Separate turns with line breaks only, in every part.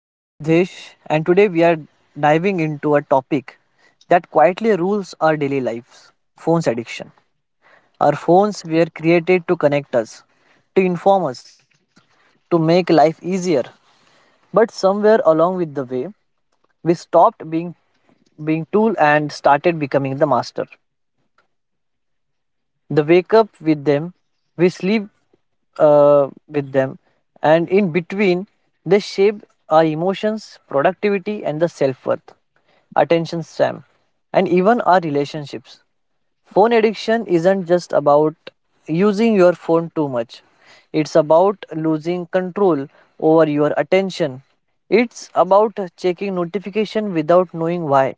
I am Siddhesh, and today we are diving into a topic that quietly rules our daily lives phones addiction. Our phones were created to connect us, to inform us, to make life easier. But somewhere along with the way, we stopped being tool and started becoming the master. The wake up with them, we sleep with them, and in between they shape our emotions productivity and the self-worth, attention span, and even our relationships. Phone addiction isn't just about using your phone too much. It's about losing control over your attention. It's about checking notification without knowing why.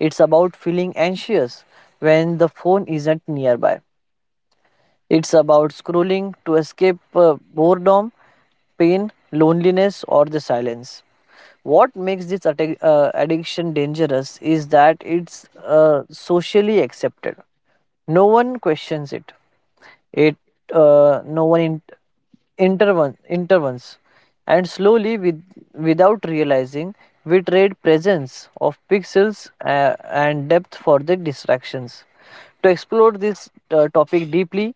It's about feeling anxious when the phone isn't nearby. It's about scrolling to escape boredom, pain, loneliness, or the silence. What makes this addiction dangerous is that it's socially accepted. No one questions it. It no one in- interven- Intervenes, and slowly, without realizing, we trade presence of pixels and depth for the distractions. To explore this topic deeply,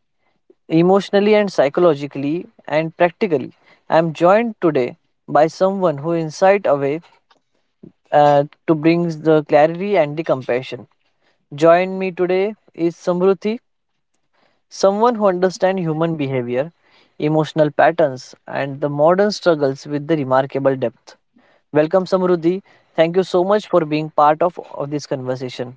emotionally and psychologically and practically. I'm joined today by someone who insight away to bring the clarity and the compassion. Join me today is Samruti, someone who understands human behavior, emotional patterns, and the modern struggles with the remarkable depth. Welcome, Samruti. Thank you so much for being part of this conversation.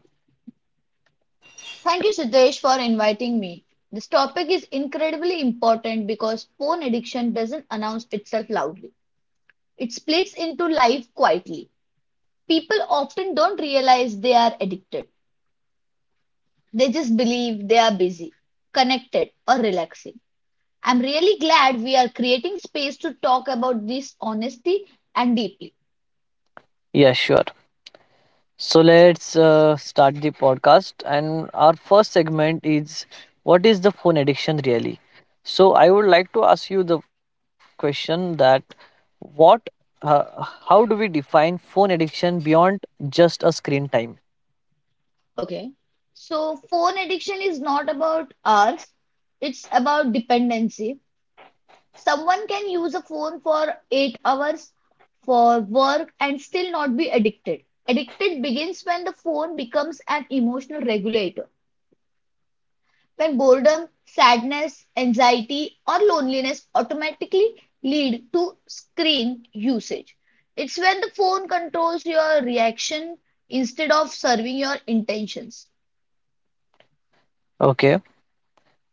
Thank you, Siddesh, for inviting me. This topic is incredibly important because porn addiction doesn't announce itself loudly. It splits into life quietly. People often don't realize they are addicted. They just believe they are busy, connected, or relaxing. I'm really glad we are creating space to talk about this honestly and deeply.
Yeah, sure. So let's start the podcast. And our first segment is, what is the phone addiction really? So I would like to ask you the question that, what, uh, how do we define phone addiction beyond just a screen time?
Okay. So, phone addiction is not about ours, it's about dependency. Someone can use a phone for 8 hours for work and still not be addicted. Addicted begins when the phone becomes an emotional regulator, when boredom, sadness, anxiety, or loneliness automatically lead to screen usage. It's when the phone controls your reaction instead of serving your intentions.
Okay.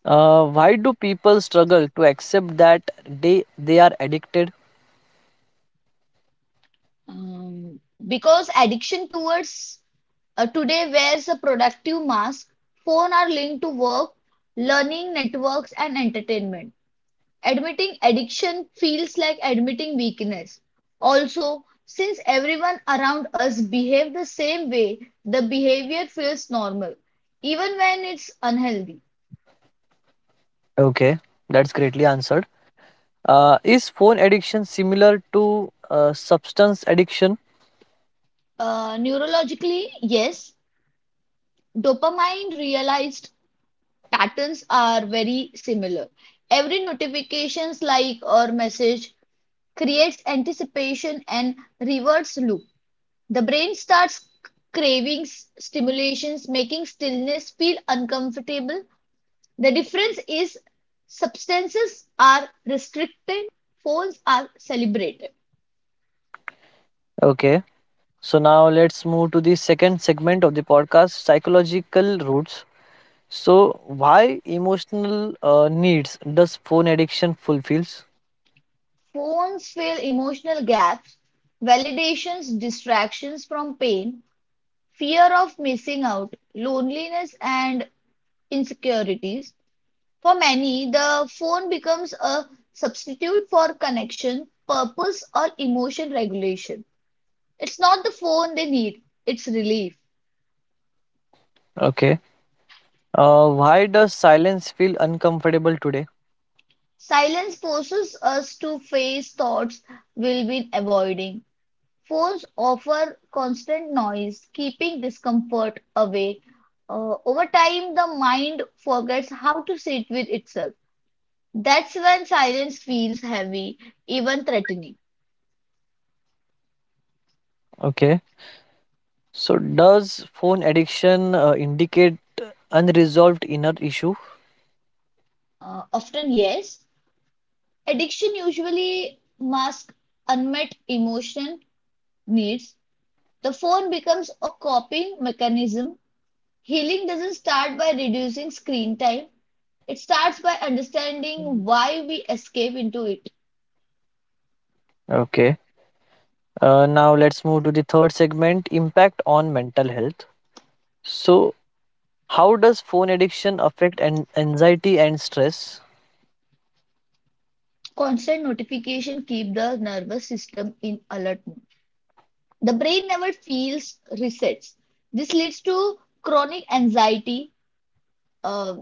Why do people struggle to accept that they are addicted?
Um, because addiction towards today wears a productive mask. Phones are linked to work, learning, networks, and entertainment. Admitting addiction feels like admitting weakness. Also, since everyone around us behave the same way, the behavior feels normal, even when it's unhealthy.
Okay, that's greatly answered. Is phone addiction similar to substance addiction?
Neurologically, yes, dopamine realized patterns are very similar. Every notifications like or message creates anticipation and reverse loop. The brain starts craving stimulations, making stillness feel uncomfortable. The difference is substances are restricted, phones are celebrated.
Okay. So now let's move to the second segment of the podcast, psychological roots. So why emotional needs does phone addiction fulfills?
Phones fill emotional gaps, validations, distractions from pain, fear of missing out, loneliness, and insecurities. For many, the phone becomes a substitute for connection, purpose, or emotion regulation. It's not the phone they need, it's relief.
Okay. Why does silence feel uncomfortable today?
Silence forces us to face thoughts we've been avoiding. Phones offer constant noise, keeping discomfort away. Over time, the mind forgets how to sit with itself. That's when silence feels heavy, even threatening.
Okay. So does phone addiction indicate unresolved inner issue?
Often, yes, addiction usually masks unmet emotional needs. The phone becomes a coping mechanism. Healing doesn't start by reducing screen time, it starts by understanding why we escape into it.
Okay. Now let's move to the third segment, impact on mental health. So how does phone addiction affect anxiety and stress?
Constant notification keep the nervous system in alert mode. The brain never feels resets. This leads to chronic anxiety, uh,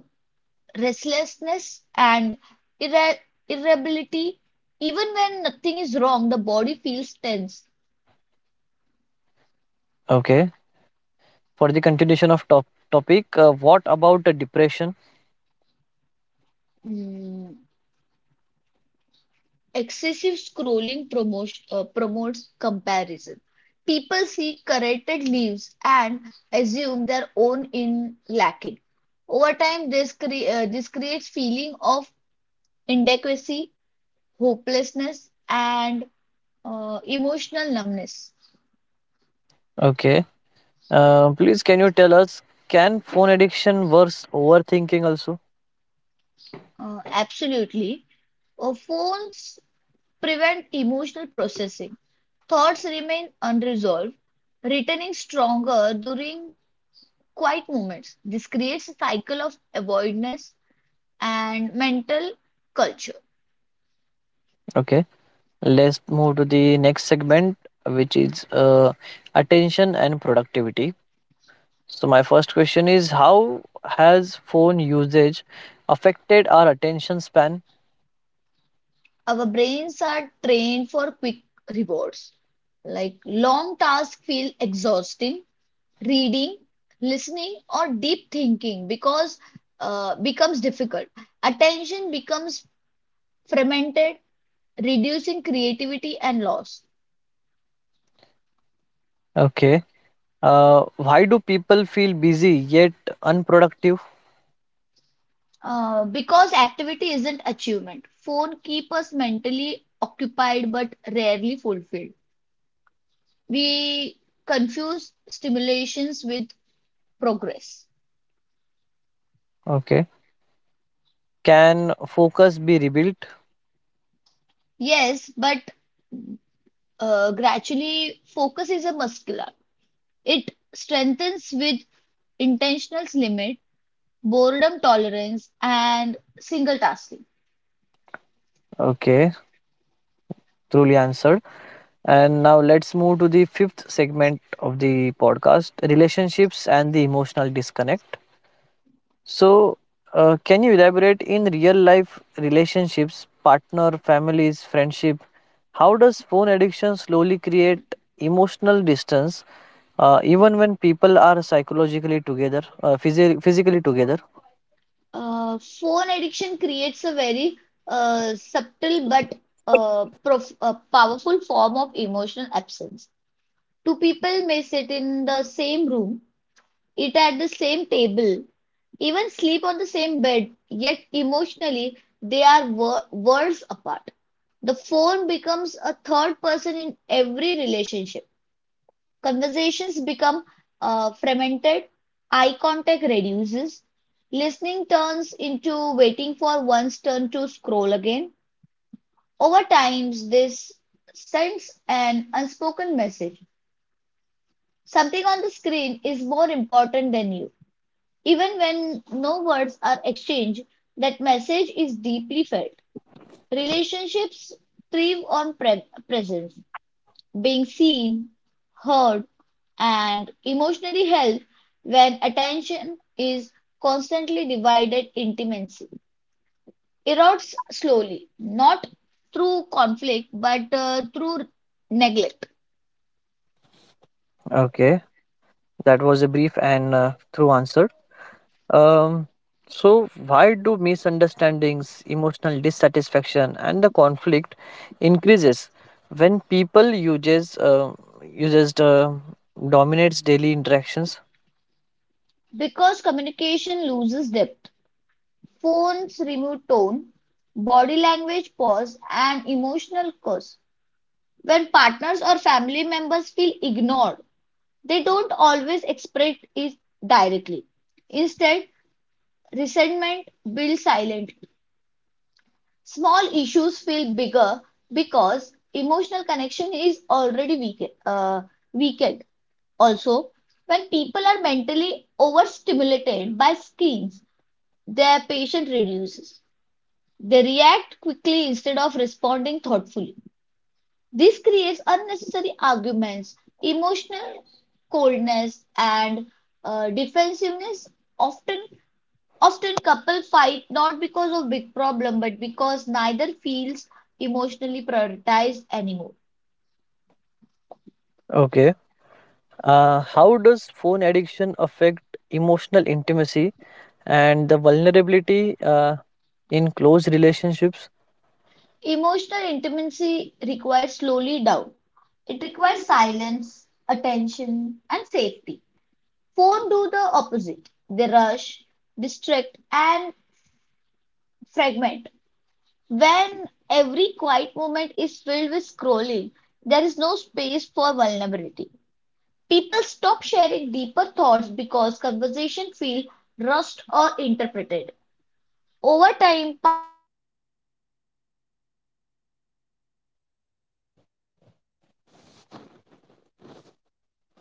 restlessness and irre irritability. Even when nothing is wrong, the body feels tense.
Okay. For the continuation of topic, what about the depression?
Mm, excessive scrolling promotes comparison. People see corrected leaves and assume their own in lacking. Over time, this creates feeling of inadequacy, hopelessness, and emotional numbness.
Okay. Please can you tell us, can phone addiction worse overthinking also?
Absolutely. Phones prevent emotional processing. Thoughts remain unresolved, returning stronger during quiet moments. This creates a cycle of avoidance and mental culture.
Okay, let's move to the next segment, which is attention and productivity. So my first question is, how has phone usage affected our attention span?
Our brains are trained for quick rewards. Like long tasks feel exhausting, reading, listening, or deep thinking because becomes difficult. Attention becomes fragmented, reducing creativity and loss.
Okay. uh, why do people feel busy yet unproductive?
Because activity isn't achievement. Phone keep us mentally occupied but rarely fulfilled. We confuse stimulations with progress.
Okay. Can focus be rebuilt?
Yes, but gradually focus is a muscle. It strengthens with intentional limit, boredom tolerance, and single tasking.
Okay, truly answered. And now let's move to the fifth segment of the podcast, relationships and the emotional disconnect. So, can you elaborate in real life relationships, partner, families, friendship? How does phone addiction slowly create emotional distance even when people are psychologically together, physically together?
Phone addiction creates a very subtle but prof powerful form of emotional absence. Two people may sit in the same room, eat at the same table, even sleep on the same bed, yet emotionally they are worlds apart. The phone becomes a third person in every relationship. Conversations become fragmented, eye contact reduces, listening turns into waiting for one's turn to scroll again. Over time, this sends an unspoken message. Something on the screen is more important than you. Even when no words are exchanged, that message is deeply felt. Relationships thrive on presence. Being seen, heard, and emotionally held when attention is constantly divided, intimacy erodes slowly, not through conflict but through neglect.
Okay, that was a brief and true answer. Um, so, why do misunderstandings, emotional dissatisfaction, and the conflict increases when people uses uses dominates daily interactions?
Because communication loses depth, phones remove tone, body language, pause and emotional cues. When partners or family members feel ignored, they don't always express it directly. Instead, resentment builds silently. Small issues feel bigger because emotional connection is already weakened. Also, when people are mentally overstimulated by screens, their patience reduces. They react quickly instead of responding thoughtfully. This creates unnecessary arguments, emotional coldness, and defensiveness. Often Often couples fight not because of big problem, but because neither feels emotionally prioritized anymore.
Okay. How does phone addiction affect emotional intimacy and the vulnerability in close relationships?
Emotional intimacy requires slowly down. It requires silence, attention, and safety. Phone do the opposite. They rush, distract, and fragment. When every quiet moment is filled with scrolling, there is no space for vulnerability. People stop sharing deeper thoughts because conversation feel rushed or interpreted. Over time, partners stop opening up, friends stop checking in deeply, and families drift emotionally.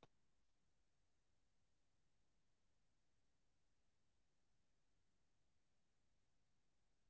Intimacy doesn't disappear suddenly. It fades when attention is no longer offered fully.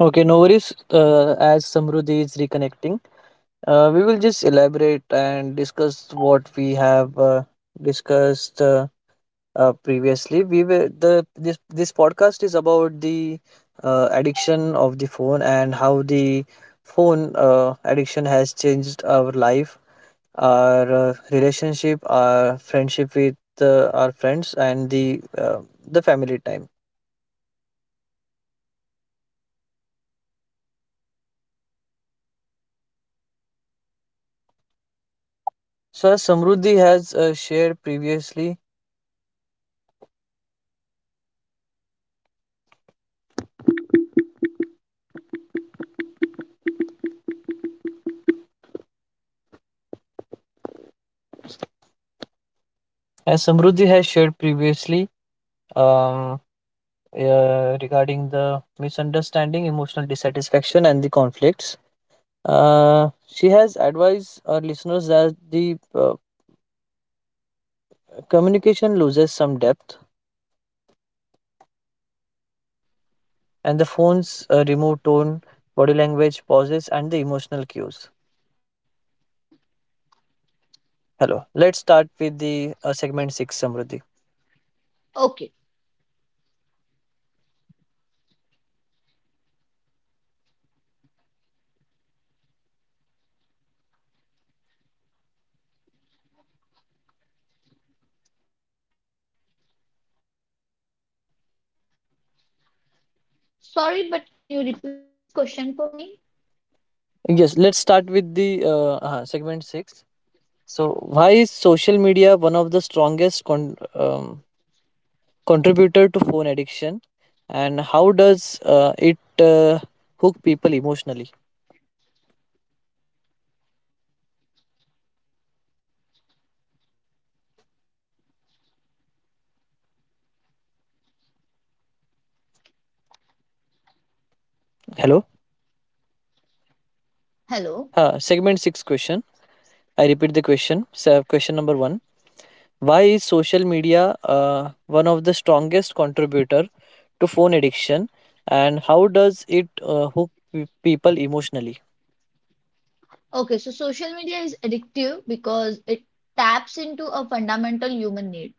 Okay, no worries. As Samruddhi is reconnecting, we will just elaborate and discuss what we have discussed. Previously we were the this podcast is about the addiction of the phone and how the phone addiction has changed our life, our relationship, our friendship with our friends and the family time. so as samruddhi has uh, shared previously as Samruddhi has shared previously, um, regarding the misunderstanding, emotional dissatisfaction, and the conflicts, she has advised our listeners that the communication loses some depth and the phone's removed tone, body language, pauses, and the emotional cues. Hello. Let's start with the segment six, Samruddhi.
Okay. Sorry, but can you repeat this question for me?
Yes, let's start with the segment six. So, why is social media one of the strongest contributor to phone addiction, and how does it hook people emotionally? Hello.
Hello.
Segment six question. I repeat the question. So, question number one: why is social media one of the strongest contributor to phone addiction, and how does it hook people emotionally?
Okay, so social media is addictive because it taps into a fundamental human need.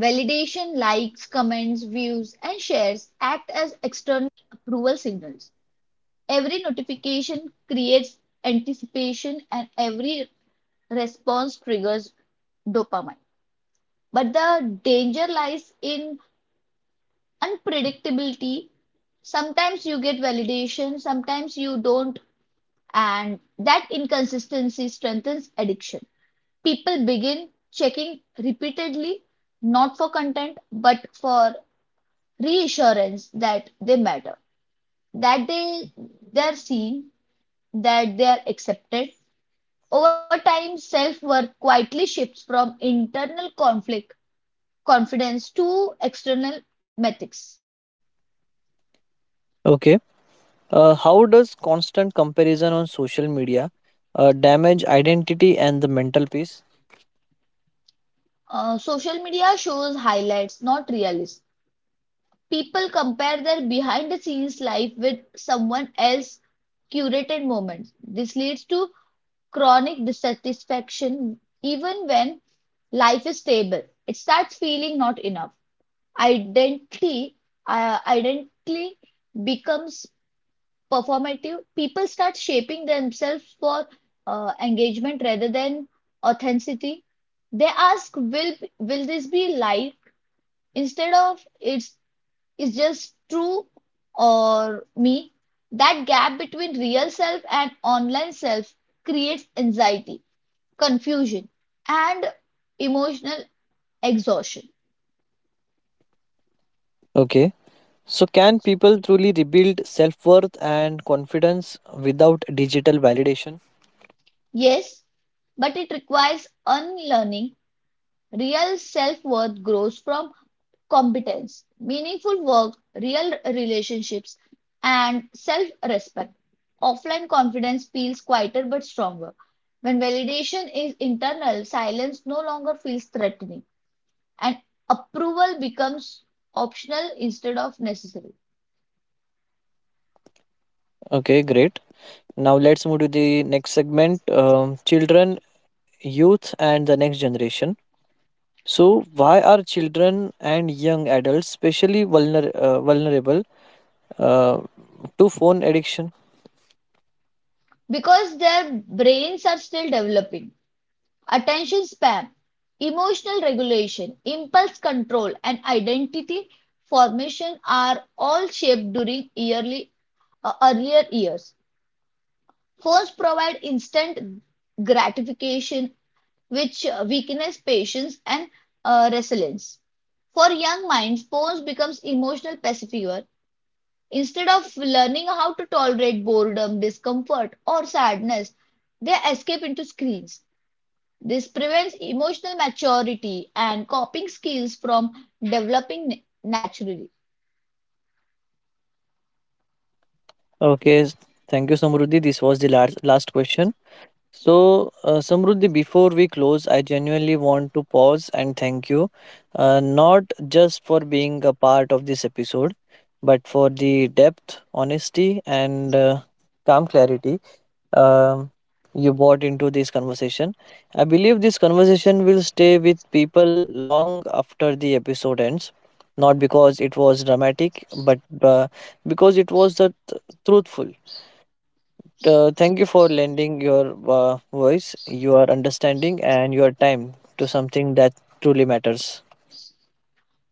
Validation, likes, comments, views, and shares act as external approval signals. Every notification creates anticipation, and every response triggers dopamine. But the danger lies in unpredictability. Sometimes you get validation, sometimes you don't, and that inconsistency strengthens addiction. People begin checking repeatedly, not for content, but for reassurance that they matter, that they're seen, that they are accepted. Over time, self-worth quietly shifts from internal conflict confidence to external metrics.
Okay. How does constant comparison on social media damage identity and the mental peace?
Social media shows highlights, not realism. People compare their behind the scenes life with someone else's curated moments. This leads to chronic dissatisfaction even when life is stable. It starts feeling not enough. Identity, identity becomes performative. People start shaping themselves for engagement rather than authenticity. They ask, "Will this be life?" instead of "It's is just true or me. That gap between real self and online self creates anxiety, confusion, and emotional exhaustion.
Okay. So, can people truly rebuild self worth and confidence without digital validation?
Yes, but it requires unlearning. Real self-worth grows from competence, meaningful work, real relationships, and self-respect. Offline confidence feels quieter but stronger. When validation is internal, silence no longer feels threatening, and approval becomes optional instead of necessary
Okay, great. Now, let's move to the next segment, children, youth, and the next generation. So, why are children and young adults especially vulnerable uh, to phone addiction?
because their brains are still developing. Attention span, emotional regulation, impulse control, and identity formation are all shaped during earlier years. Phones provide instant gratification, which weakens patience and resilience. For young minds, phones becomes emotional pacifier. Instead of learning how to tolerate boredom, discomfort, or sadness, they escape into screens. This prevents emotional maturity and coping skills from developing naturally.
Okay, thank you, Samruddhi. This was the last question. So, Samruddhi, before we close, I genuinely want to pause and thank you, not just for being a part of this episode, but for the depth, honesty, and calm clarity um, you bought into this conversation. I believe this conversation will stay with people long after the episode ends. Not because it was dramatic, but because it was the truthful. Thank you for lending your voice, your understanding, and your time to something that truly matters.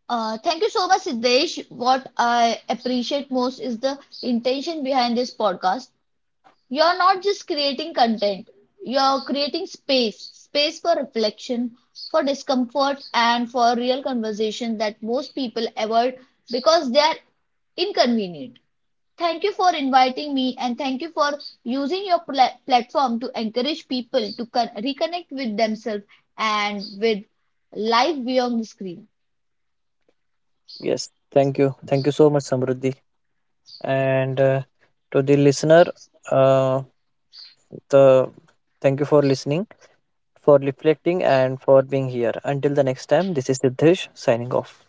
Thank you so much, Siddesh. What I appreciate most is the intention behind this podcast. You're not just creating content, you're creating space, space for reflection, for discomfort, and for real conversation that most people avoid because they are inconvenient. Thank you for inviting me, and thank you for using your platform to encourage people to reconnect with themselves and with life beyond the screen.
Yes, thank you. Thank you so much, Samruddhi. And to the listener, uh, the, thank you for listening, for reflecting and for being here. Until the next time, this is Siddhesh signing off.